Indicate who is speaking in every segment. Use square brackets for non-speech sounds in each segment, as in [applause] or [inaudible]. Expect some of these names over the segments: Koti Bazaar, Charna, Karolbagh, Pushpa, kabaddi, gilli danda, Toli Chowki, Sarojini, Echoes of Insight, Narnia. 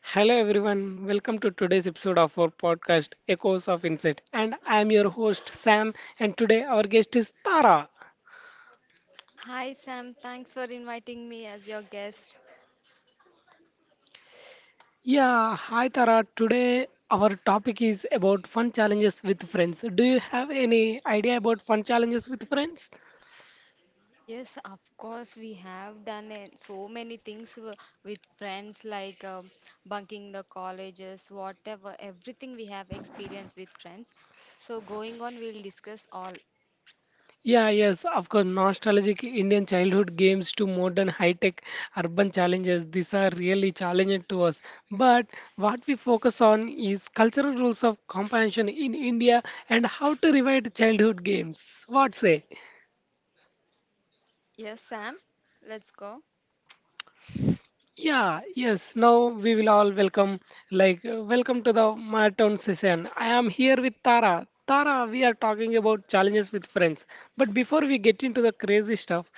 Speaker 1: Hello everyone, welcome to today's episode of our podcast Echoes of Insight. And I'm your host Sam, and today our guest is Tara.
Speaker 2: Hi Sam, thanks for inviting me as your guest.
Speaker 1: Yeah, hi Tara. Today our topic is about fun challenges with friends. Do you have any idea about fun challenges with friends?
Speaker 2: Yes, of course, we have done so many things with friends, like bunking the colleges, whatever, everything we have experienced with friends. So, going on, we'll discuss all.
Speaker 1: Yeah, yes, of course. Nostalgic Indian childhood games to modern high-tech urban challenges. These are really challenging to us. But what we focus on is cultural rules of comprehension in India and how to revive childhood games. What say?
Speaker 2: Yes, Sam, let's go.
Speaker 1: Yeah, yes. Now we will all welcome, welcome to the marathon session. I am here with Tara. Tara, we are talking about challenges with friends. But before we get into the crazy stuff,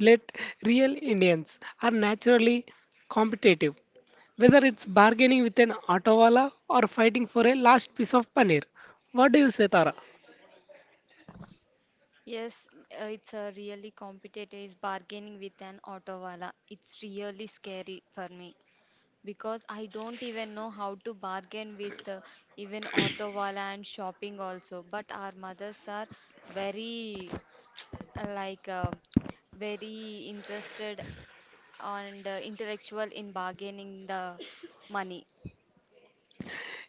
Speaker 1: let real Indians are naturally competitive. Whether it's bargaining with an auto wala or fighting for a last piece of paneer. What do you say, Tara?
Speaker 2: Yes, it's a really competitive is bargaining with an auto wala. It's really scary for me. Because I don't even know how to bargain with even auto wala and shopping also. But our mothers are very uh, like uh, very interested and intellectual in bargaining the money.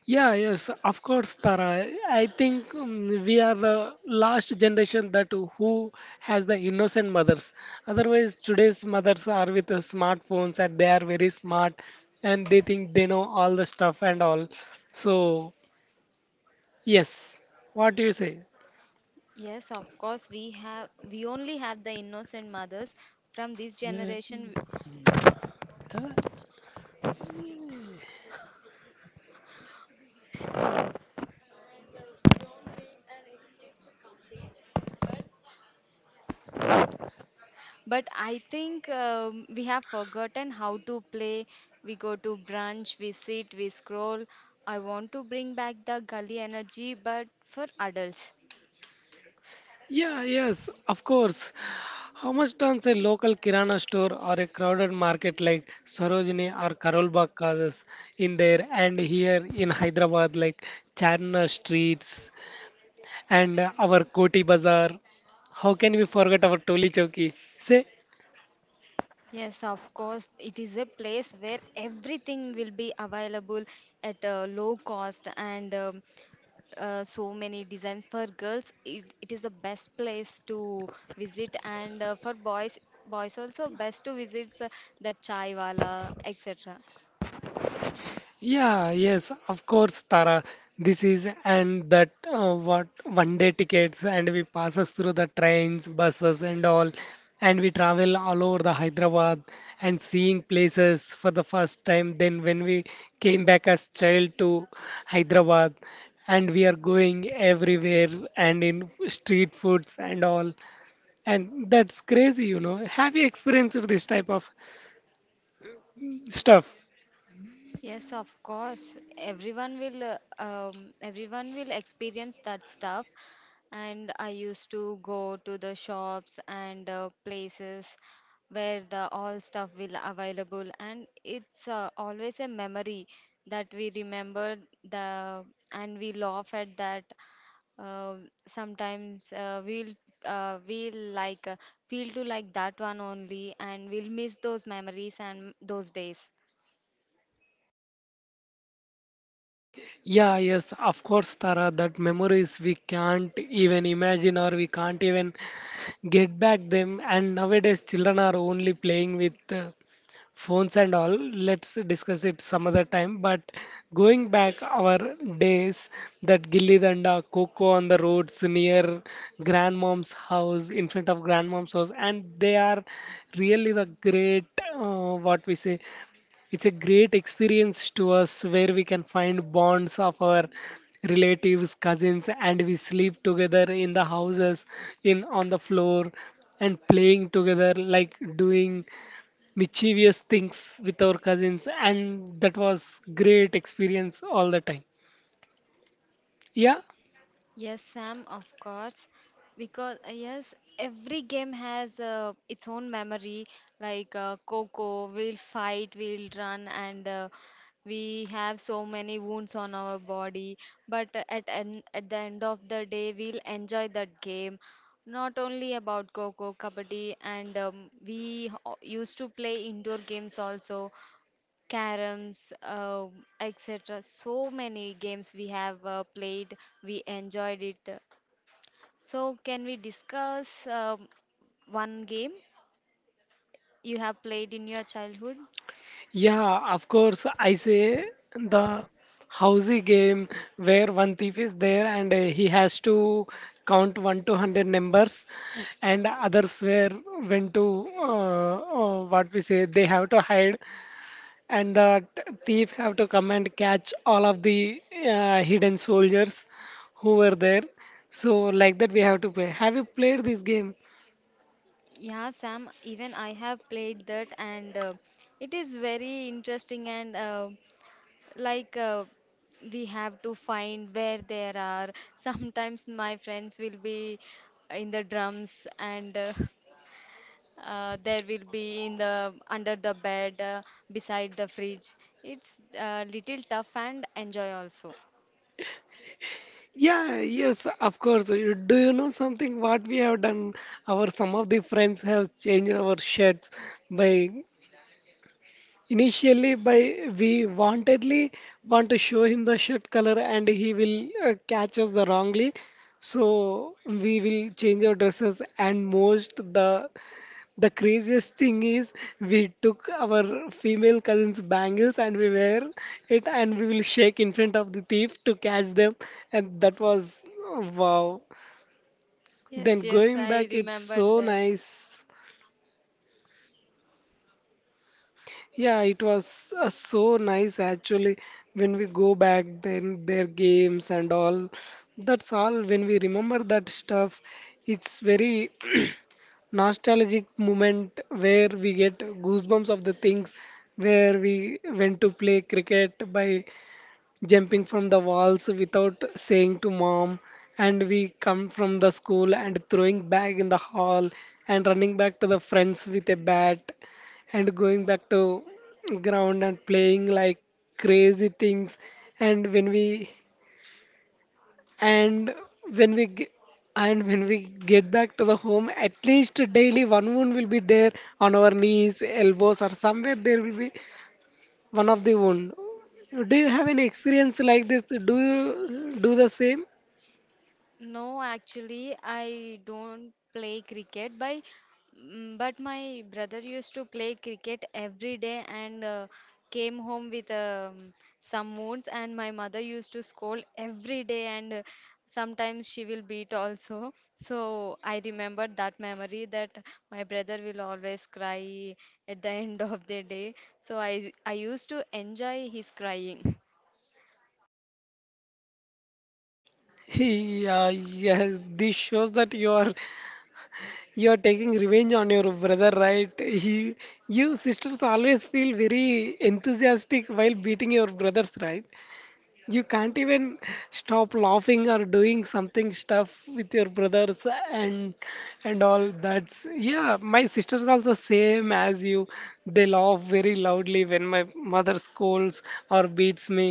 Speaker 1: Yeah, yes, of course, Tara. I think we are the last generation that who has the innocent mothers. Otherwise, today's mothers are with the smartphones and they are very smart and they think they know all the stuff and all. So, yes, what do you say?
Speaker 2: Yes, of course we only have the innocent mothers from this generation.
Speaker 1: Mm.
Speaker 2: But I think we have forgotten how to play. We go to brunch, we sit, we scroll. I want to bring back the gully energy, but for adults.
Speaker 1: Yeah, yes, of course. How much does a local kirana store or a crowded market like Sarojini or Karolbagh causes in there and here in Hyderabad like Charna streets and our Koti Bazaar? How can we forget our Toli Chowki? Say
Speaker 2: Yes, of course, it is a place where everything will be available at a low cost and so many designs for girls. It is the best place to visit, and for boys, boys also best to visit the chai wala, etc.
Speaker 1: yeah, yes, of course, Tara. This is and that what one day tickets and we passes through the trains, buses and all, and we travel all over the Hyderabad and seeing places for the first time. Then when we came back as child to Hyderabad and we are going everywhere and in street foods and all, and that's crazy. Have you experienced this type of stuff?
Speaker 2: Yes, of course. Everyone will experience that stuff. And I used to go to the shops and places where the all stuff will available, and it's always a memory that we remember the and we laugh at that. Uh, sometimes we'll like feel to like that one only, and we'll miss those memories and those days.
Speaker 1: Yeah, yes, of course, Tara, that memories we can't even imagine or we can't even get back them. And nowadays, children are only playing with phones and all. Let's discuss it some other time. But going back our days, that gilli danda, coco on the roads near grandmom's house, in front of grandmom's house, and they are really the great, what we say. It's a great experience to us where we can find bonds of our relatives, cousins, and we sleep together in the houses, in on the floor, and playing together, like doing mischievous things with our cousins, and that was great experience all the time. Yeah,
Speaker 2: Yes, Sam, of course. Because, yes, every game has its own memory. Like Coco, we'll fight, we'll run, and we have so many wounds on our body. But at the end of the day, we'll enjoy that game. Not only about Coco, Kabaddi, and used to play indoor games also, caroms, etc. So many games we have played, we enjoyed it. So, can we discuss one game you have played in your childhood?
Speaker 1: yeah, of course. I say the housey game where one thief is there and he has to count 1 to 100 numbers, and others were when to what we say they have to hide, and the thief have to come and catch all of the hidden soldiers who were there. So like that we have to play. Have you played this game?
Speaker 2: Yeah, Sam, even I have played that, and it is very interesting. And like, uh, we have to find where there are. [laughs] Sometimes my friends will be in the drums, and [laughs] there will be in the under the bed, beside the fridge. It's little tough and enjoy also.
Speaker 1: Yeah, yes, of course. Do you know something what we have done? Our some of the friends have changed our shirts by initially by we wantedly want to show him the shirt color and he will catch us the wrongly. So we will change our dresses and most the craziest thing is we took our female cousin's bangles and we wear it and we will shake in front of the thief to catch them, and that was wow.
Speaker 2: Yes,
Speaker 1: Then
Speaker 2: yes,
Speaker 1: going
Speaker 2: I
Speaker 1: back it's
Speaker 2: remembered
Speaker 1: so
Speaker 2: that.
Speaker 1: nice. Yeah, it was so nice actually when we go back then their games and all. That's all. When we remember that stuff it's very nostalgic moment where we get goosebumps of the things where we went to play cricket by jumping from the walls without saying to mom and we come from the school and throwing bag in the hall and running back to the friends with a bat and going back to ground and playing like crazy things, and and when we g- and when we get back to the home, at least daily one wound will be there on our knees, elbows, or somewhere there will be one of the wound. Do you have any experience like this? Do you do the same?
Speaker 2: No, actually, I don't play cricket by but my brother used to play cricket every day and came home with some wounds and my mother used to scold every day and sometimes she will beat also. So I remembered that memory that my brother will always cry at the [laughs] end of the day. So I used to enjoy his crying.
Speaker 1: [laughs] Yeah, yes, this shows that you are taking revenge on your brother, right? You sisters always feel very enthusiastic while beating your brothers, right? You can't even stop laughing or doing something stuff with your brothers, and and all. That's yeah. My sisters also same as you. They laugh very loudly when my mother scolds or beats me,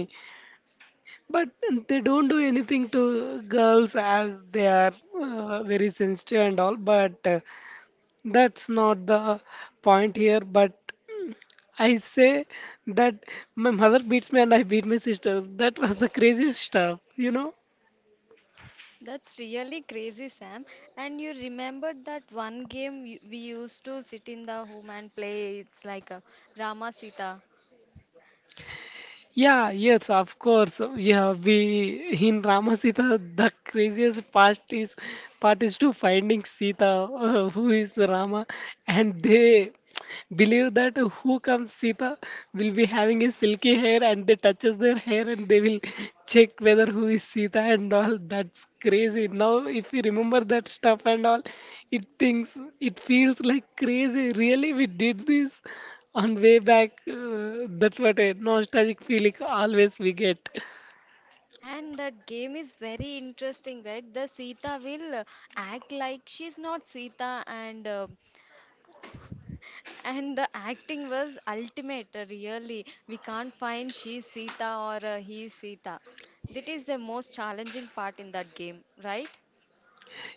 Speaker 1: but they don't do anything to girls as they are very sensitive and all. But that's not the point here, but I say that my mother beats me and I beat my sister. That was the craziest stuff, you know?
Speaker 2: That's really crazy, Sam. And you remember that one game we used to sit in the home and play? It's like a Rama Sita.
Speaker 1: Yeah, yes, of course. Yeah, we in Rama Sita, the craziest part is to finding Sita, who is Rama, and they believe that who comes Sita will be having a silky hair and they touches their hair and they will check whether who is Sita and all. That's crazy. Now if you remember that stuff and all, it thinks it feels like crazy. Really, we did this on way back. That's what a nostalgic feeling always we get.
Speaker 2: And that game is very interesting, right? The Sita will act like she's not Sita, and [laughs] and the acting was ultimate. Really, we can't find she's Sita or he's Sita. That is the most challenging part in that game, right?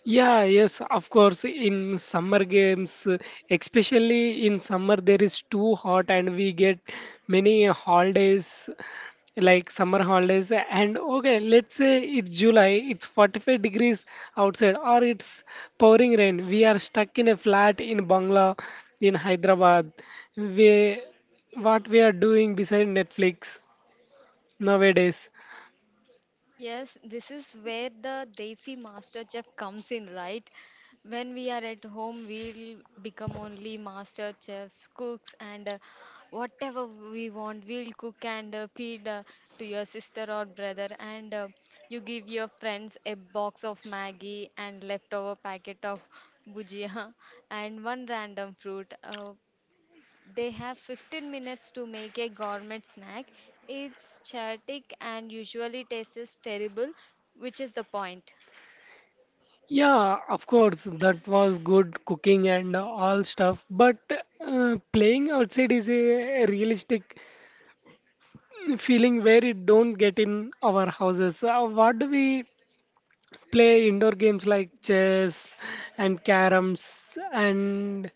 Speaker 1: Yeah, yes, of course. In summer games, especially in summer, there is too hot, and we get many holidays like summer holidays. And okay, let's say it's July, it's 45 degrees outside, or it's pouring rain. We are stuck in a flat in Bangla, in Hyderabad. We, what we are doing beside Netflix nowadays.
Speaker 2: Yes, this is where the Desi Master Chef comes in, right? When we are at home, we'll become only master chefs, cooks, and whatever we want, we'll cook and feed to your sister or brother. And you give your friends a box of Maggie and leftover packet of bhujia [laughs] and one random fruit. They have 15 minutes to make a gourmet snack. It's chaotic and usually tastes terrible, which is the point.
Speaker 1: Yeah, of course, that was good cooking and all stuff. But playing outside is a realistic feeling where it don't get in our houses. What do we play indoor games like chess and caroms and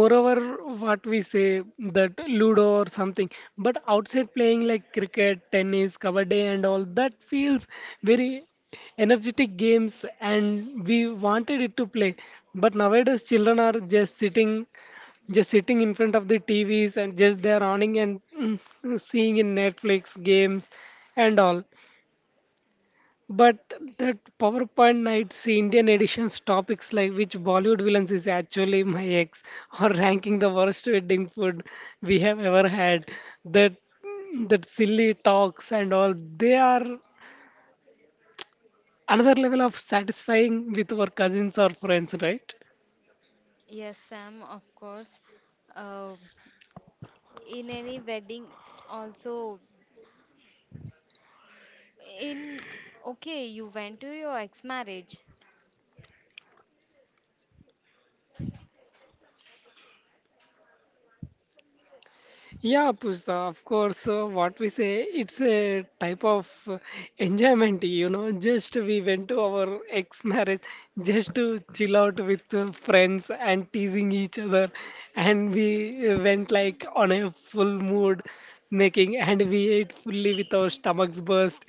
Speaker 1: moreover what we say that ludo or something, but outside playing like cricket, tennis, kabaddi and all that feels very energetic games and we wanted it to play, but nowadays children are just sitting in front of the TVs and just they're running and seeing in Netflix games and all. But that PowerPoint nights, the Indian editions topics like which Bollywood villains is actually my ex, or ranking the worst wedding food we have ever had, that that silly talks and all, they are another level of satisfying with our cousins or friends, right?
Speaker 2: Yes, Sam, of course. Uh, in any wedding, also, in okay, you went to your ex-marriage.
Speaker 1: Yeah, Pushpa, of course. What we say, it's a type of enjoyment. Just we went to our ex-marriage just to chill out with friends and teasing each other, and we went like on a full mood making, and we ate fully with our stomachs burst,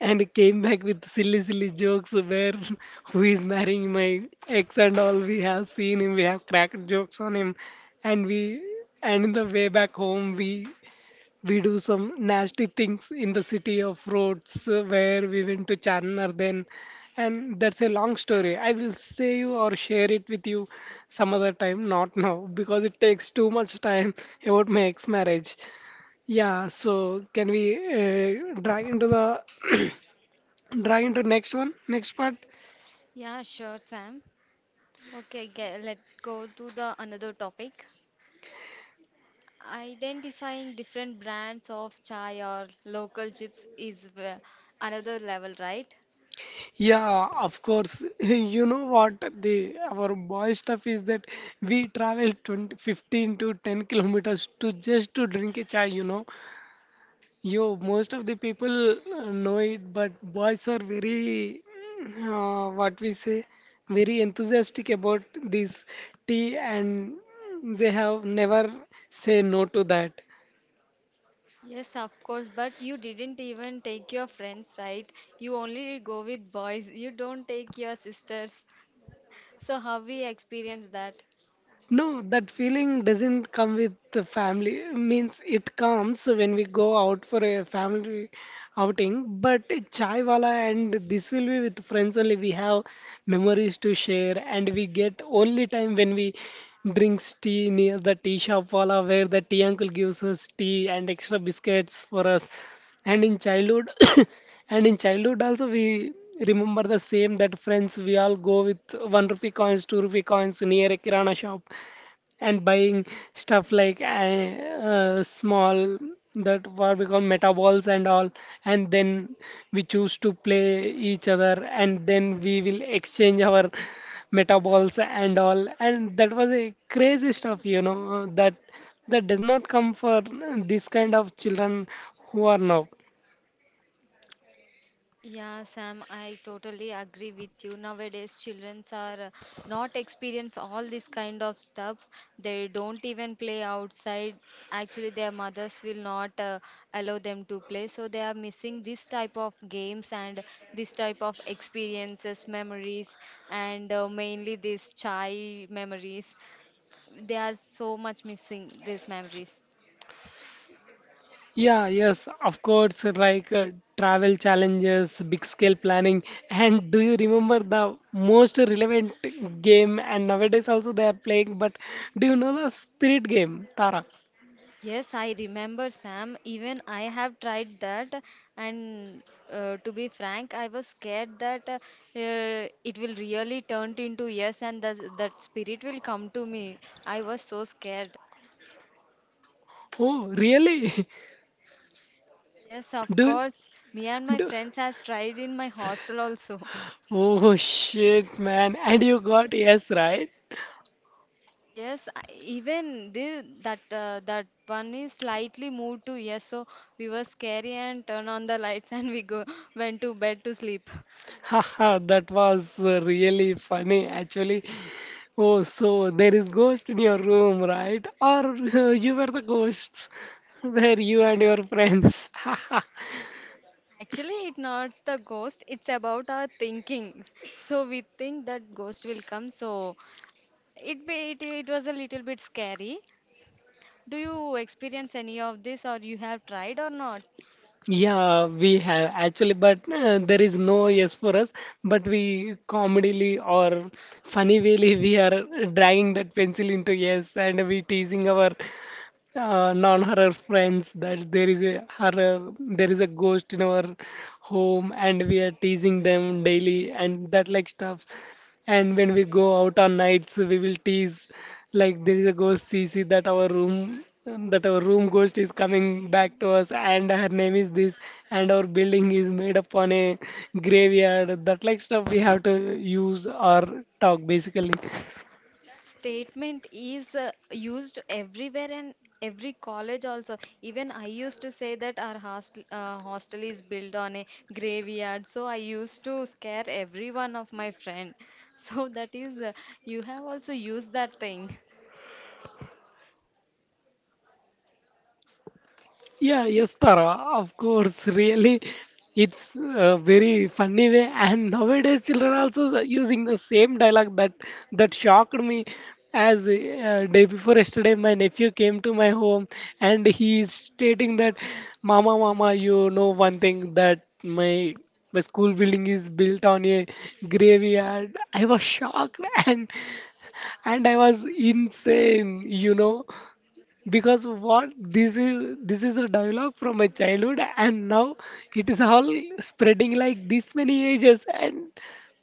Speaker 1: and came back with silly, silly jokes where [laughs] who is marrying my ex and all. We have seen him, we have cracked jokes on him, and we and in the way back home we do some nasty things in the city of roads where we went to Charnar then, and that's a long story. I will say you or share it with you some other time, not now, because it takes too much time [laughs] about my ex marriage. Yeah, so can we drag into the [coughs] [clears throat] drag into next one, next part?
Speaker 2: Yeah, sure, Sam. Okay, let go to the another topic. Identifying different brands of chai or local chips is another level, right?
Speaker 1: Yeah, of course. [laughs] You know what the our boy stuff is that we travel 20, 15 to 10 kilometers to just to drink a chai. Yo, most of the people know it, but boys are very what we say, very enthusiastic about this tea and they have never say no to that.
Speaker 2: Yes, of course, but you didn't even take your friends, right? You only go with boys. You don't take your sisters. So how we experience that?
Speaker 1: No, that feeling doesn't come with the family. Means it comes when we go out for a family outing. But chai wala and this will be with friends only. We have memories to share, and we get only time when we drinks tea near the tea shop wala where the tea uncle gives us tea and extra biscuits for us. And in childhood, [coughs] and in childhood also we remember the same that friends we all go with 1 rupee coins, 2 rupee coins near a kirana shop and buying stuff like small that what we call meta balls and all, and then we choose to play each other and then we will exchange our meta balls and all, and that was a crazy stuff, you know that that does not come for this kind of children who are now
Speaker 2: Yeah, Sam, I totally agree with you. Nowadays, children are not experience all this kind of stuff. They don't even play outside. Actually, their mothers will not allow them to play, so they are missing this type of games and this type of experiences, memories, and mainly these chai memories. They are so much missing these memories.
Speaker 1: yeah, yes, of course, like travel challenges, big scale planning. And do you remember the most relevant game? And nowadays also they are playing, but do you know the Spirit game, Tara?
Speaker 2: Yes, I remember, Sam. Even I have tried that, and to be frank, I was scared that it will really turn into yes, and that spirit will come to me. I was so scared.
Speaker 1: Oh, really? [laughs]
Speaker 2: Yes, of
Speaker 1: Do,
Speaker 2: course. Me and my
Speaker 1: do,
Speaker 2: friends has tried in my hostel also. [laughs]
Speaker 1: oh shit, man. And you got yes, right?
Speaker 2: Yes, even this, that that one is slightly moved to yes, so we were scary and turn on the lights [laughs] and we go went to bed to sleep.
Speaker 1: [laughs] Haha, that was really funny actually. Oh, so there is ghost in your room, right? Or [laughs] you were the ghosts, [laughs] were you and your friends. [laughs]
Speaker 2: Actually, it's not the ghost, it's about our thinking. [laughs] So we think that ghost will come. So it was a little bit scary. Do you experience any of this or you have tried or not?
Speaker 1: Yeah, we have actually, but there is no yes for us. But we comedily or funny wayly we are dragging that pencil into yes, and we teasing our non-horror friends that there is a horror, there is a ghost in our home, and we are teasing them daily and that like stuff. And when we go out on nights, we will tease like there is a ghost CC that our room ghost is coming back to us and her name is this and our building is made upon a graveyard that like stuff we have to use or talk basically.
Speaker 2: That statement is used everywhere and every college also. Even I used to say that our hostel, hostel is built on a graveyard. So I used to scare every one of my friend. [laughs] So that is you have also used that thing.
Speaker 1: Yeah, yes, Tara, of course, really, it's a very funny way. And nowadays, children also using the same dialogue that that shocked me. As day before yesterday, my nephew came to my home and he is stating that, "Mama, Mama, you know one thing that my school building is built on a graveyard." I was shocked [laughs] and and I was insane, you know because what this is a dialogue from my childhood and now it is all spreading like this many ages and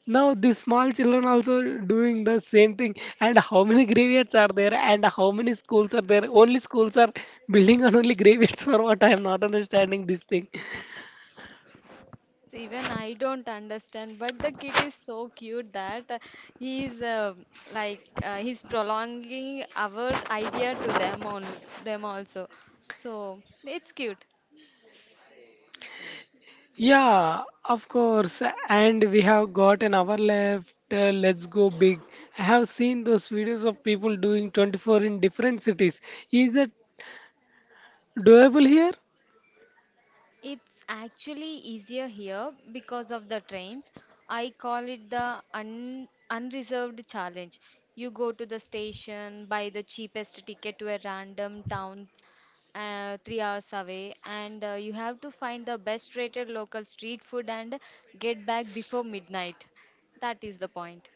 Speaker 1: now these small children also doing the same thing and how many graveyards are there and how many schools are there, only schools are building and only graveyards or what, I am not understanding this thing.
Speaker 2: Yes, even I don't understand, but the kid is so cute that he is like he's prolonging our idea to them on them also. So it's cute.
Speaker 1: Yeah, of course. And we have got an hour left, let's go big. I have seen those videos of people doing 24 in different cities. Is that doable here?
Speaker 2: It's actually easier here because of the trains. I call it the un unreserved challenge. You go to the station, buy the cheapest ticket to a random town 3 hours away, and you have to find the best rated local street food and get back before midnight. That is the point.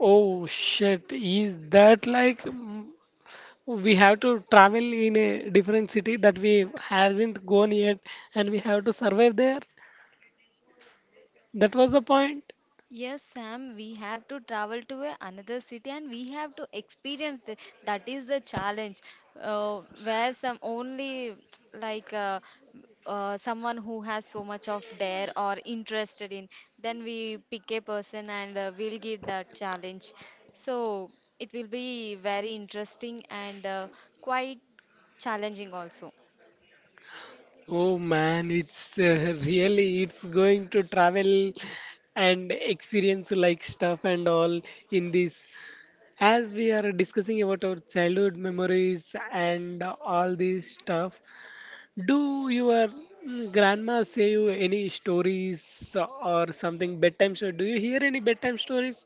Speaker 1: Oh shit, is that like we have to travel in a different city that we hasn't gone yet and we have to survive there? That was the point.
Speaker 2: Yes, Sam, we have to travel to another city and we have to experience that is the challenge where some only [tsk] like uh, someone who has so much of dare or interested in then we pick a person and we'll give that challenge so it will be very interesting and quite challenging also.
Speaker 1: Oh man, it's really it's going to travel and experience like stuff and all in this. As we are discussing about our childhood memories and all this stuff, do your grandma say you any stories or something bedtime story? Do you hear any bedtime stories?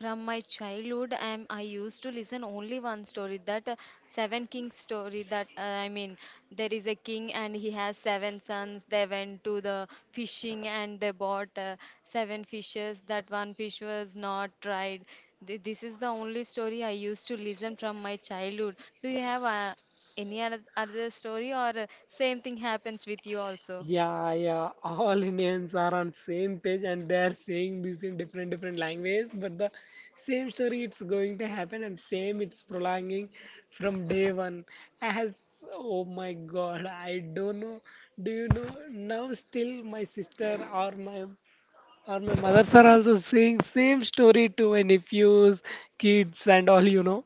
Speaker 2: From my childhood, I used to listen only one story, that Seven Kings story. That I mean, there is a king and he has seven sons. They went to the fishing and they bought seven fishes. That one fish was not tried. This is the only story I used to listen from my childhood. Do you have any other story or same thing happens with you also?
Speaker 1: Yeah, yeah. All Indians are on same page and they are saying this in different different language, but the same story it's going to happen and same it's prolonging from day one. As, oh my God, I don't know. Do you know now? Still, my sister or my or my mothers are also saying same story to my nephews, kids, and all, you know.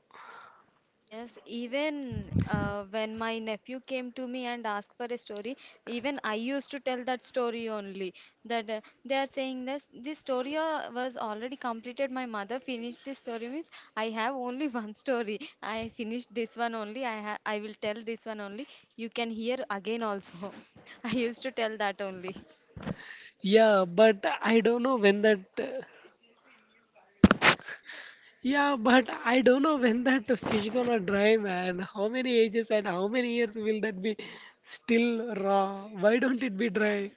Speaker 2: Yes, even when my nephew came to me and asked for a story, even I used to tell that story only. That they are saying this story was already completed. My mother finished this story means I have only [laughs] one story. I finished this one only. I will tell this one only. You can hear again also. [laughs] I used to tell that only.
Speaker 1: Yeah, but I don't know when that. Yeah, but I don't know when that fish gonna dry, man. How many ages and how many years will that be still raw? Why don't it be dry?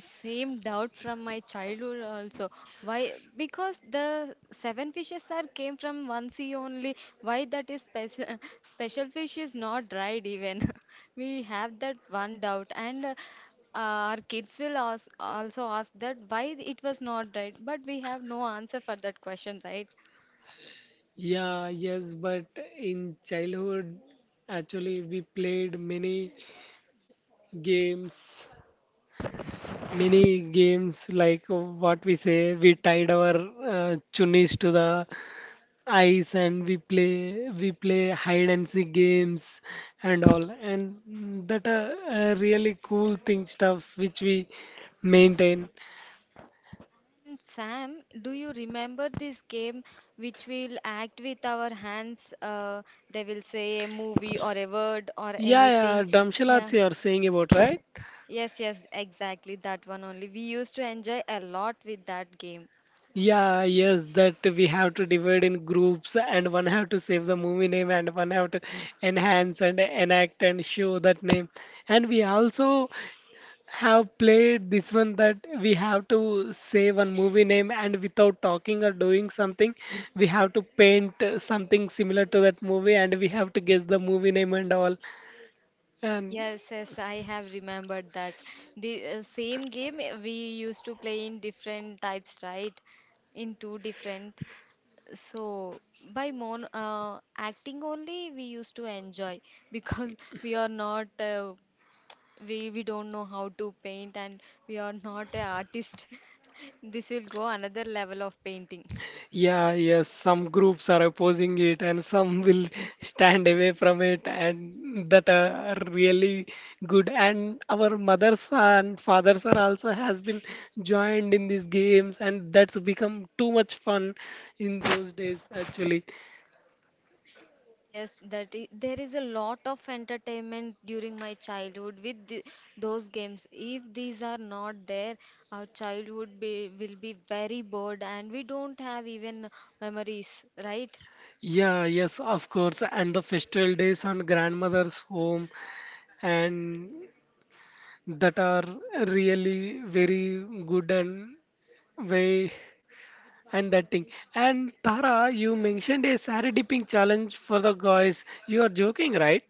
Speaker 2: Same doubt from my childhood also. Why? Because the seven fishes are came from one sea only. Why that is special? [laughs] Special fish is not dried even. [laughs] We have that one doubt, and our kids will ask, also ask that why it was not dried. But we have no answer for that question, right?
Speaker 1: Yeah, yes, but in childhood, actually, we played games, many games like what we say, we tied our chunnis to the ice and we play hide and seek games and all and that are really cool thing stuffs which we maintain.
Speaker 2: And Sam, do you remember this game which we'll act with our hands? They will say a movie or a word or
Speaker 1: Yeah, yeah,
Speaker 2: anything.
Speaker 1: Dharamshala
Speaker 2: Yeah.
Speaker 1: you are saying about, right?
Speaker 2: Yes, yes, exactly that one only. We used to enjoy a lot with that game.
Speaker 1: Yeah, yes, that we have to divide in groups and one have to save the movie name and one have to enhance and enact and show that name, and we also have played this one that we have to say one movie name and without talking or doing something we have to paint something similar to that movie and we have to guess the movie name and all. And
Speaker 2: Yes, yes, I have remembered that. The same game we used to play in different types, right? In two different. So by mon acting only we used to enjoy because [laughs] we are not we we don't know how to paint and we are not an artist. [laughs] This will go another level of painting.
Speaker 1: yeah, yes, some groups are opposing it and some will [laughs] stand away from it and that are really good. And our mothers and fathers are also has been joined in these games and that's become too much fun in those days actually.
Speaker 2: Yes, there is a lot of entertainment during my childhood with those games. If these are not there, our childhood will be very bored and we don't have even memories, right?
Speaker 1: Yeah, yes, of course. And the festival days on grandmother's home and that are really very good and way and that thing. And Tara, you mentioned a saree dipping challenge for the guys. You are joking, right?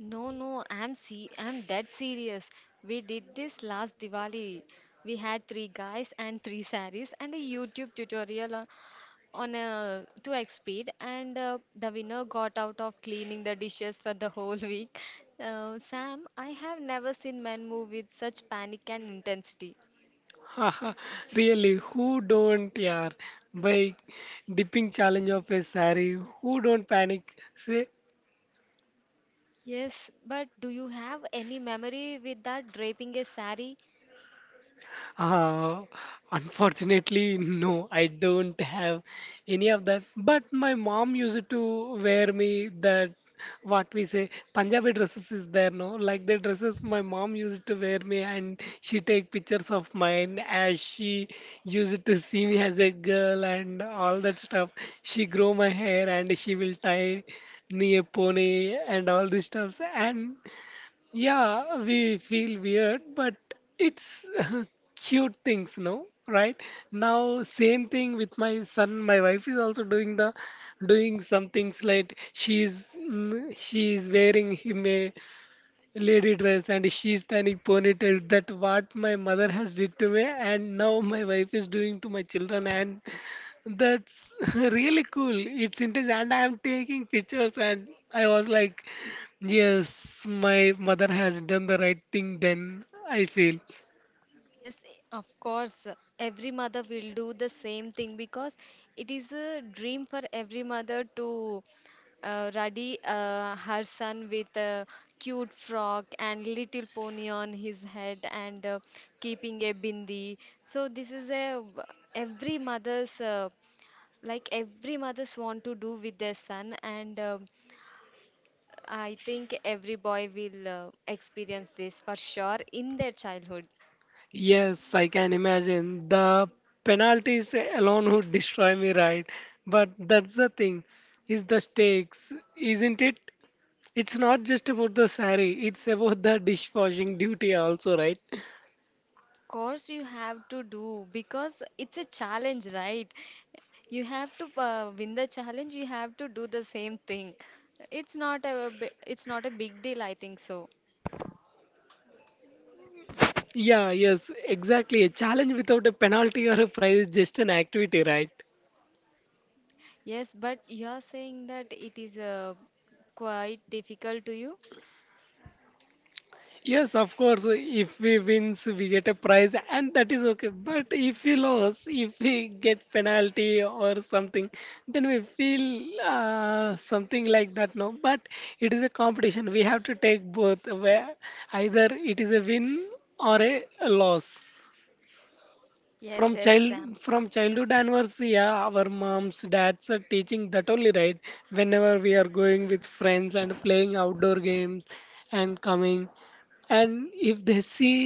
Speaker 2: No, no, I'm dead serious. We did this last Diwali. We had three guys and three saris and a YouTube tutorial on a 2x speed, and the winner got out of cleaning the dishes for the whole week. Sam, I have never seen men move with such panic and intensity.
Speaker 1: [laughs] Haha, really? Who don't, yaar? By dipping challenge of a saree, who don't panic? Say.
Speaker 2: Yes, but do you have any memory with that draping a sari?
Speaker 1: Uh, Unfortunately, no, I don't have any of that. But my mom used to wear me that what we say Punjabi dresses is there, no? Like the dresses my mom used to wear me, and she take pictures of mine as she used to see me as a girl and all that stuff. She grow my hair and she will tie me a pony and all these stuffs, and yeah, we feel weird, but it's [laughs] cute things, no? Right? Now, same thing with my son. My wife is also doing some things like she's she wearing him a lady dress and she's standing ponytail that what my mother has did to me and now my wife is doing to my children and that's [laughs] really cool, it's intense and I'm taking pictures and I was like, yes, my mother has done the right thing then, I feel.
Speaker 2: Yes, of course. Every mother will do the same thing because it is a dream for every mother to ready her son with a cute frock and little pony on his head and keeping a bindi. So this is a every mother's uh, every mother's want to do with their son and I think every boy will experience this for sure in their childhood.
Speaker 1: Yes, I can imagine. The penalties alone would destroy me, right? But that's the thing, is the stakes, isn't it? It's not just about the sari, it's about the dishwashing duty also, right?
Speaker 2: Of course, you have to do because it's a challenge, right? You have to win the challenge, you have to do the same thing. It's not a big deal, I think so.
Speaker 1: Yeah, yes, exactly. A challenge without a penalty or a prize is just an activity, right?
Speaker 2: Yes, but you're saying that it is quite difficult to you?
Speaker 1: Yes, of course, if we wins, we get a prize, and that is okay. But if we lose, if we get penalty or something, then we feel something like that, no? But it is a competition. We have to take both, where either it is a win or a loss. from
Speaker 2: Yes, yes,
Speaker 1: child
Speaker 2: Sam.
Speaker 1: from childhood onwards, yeah, our moms dads are teaching that only, right? Whenever we are going with friends and playing outdoor games and coming, and if they see,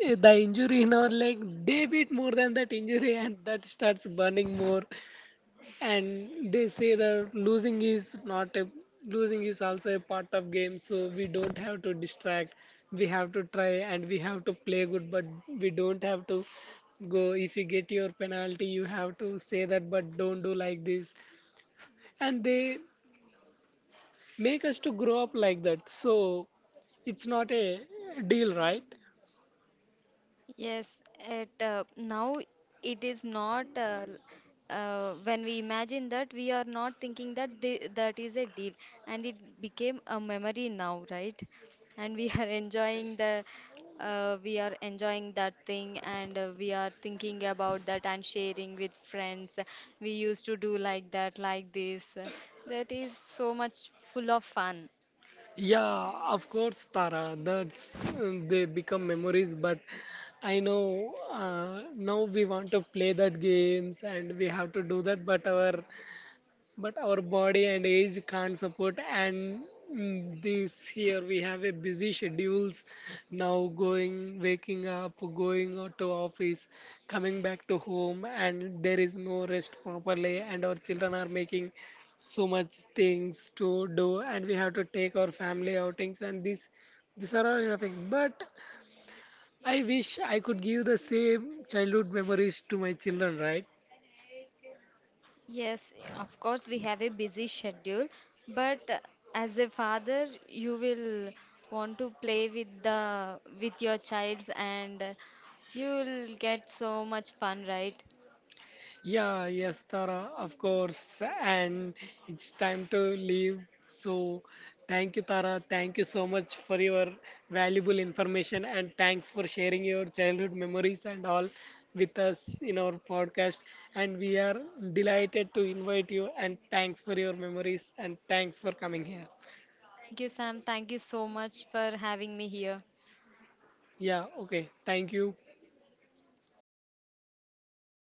Speaker 1: eh, the injury in our leg they beat more than that injury and that starts burning more, and they say that losing is not a losing is also a part of game, so we don't have to distract, we have to try and we have to play good, but we don't have to go, if you get your penalty you have to say that but don't do like this, and they make us to grow up like that, so it's not a deal, right?
Speaker 2: Yes, it now it is not l- when we imagine that we are not thinking that that is a deal and it became a memory now, right? And we are [laughs] enjoying the we are enjoying that thing and we are thinking about that and sharing with friends. We used to do like that, like this. That is so much full of fun.
Speaker 1: Yeah, of course, Tara. That's they become memories. But I know now we want to play that games and we have to do that. But our body and age can't support and this here we have a busy schedules, now going waking up going out to office, coming back to home and there is no rest properly and our children are making so much things to do and we have to take our family outings and this, these are all nothing but I wish I could give the same childhood memories to my children, right?
Speaker 2: Yes, of course, we have a busy schedule, but as a father, you will want to play with the with your child and you'll get so much fun, right?
Speaker 1: Yeah, yes, Tara, of course. And it's time to leave. So, thank you, Tara. Thank you so much for your valuable information and thanks for sharing your childhood memories and all with us in our podcast. And we are delighted to invite you and thanks for your memories and thanks for coming here.
Speaker 2: Thank you, Sam. Thank you so much for having me here.
Speaker 1: Yeah, okay. Thank you.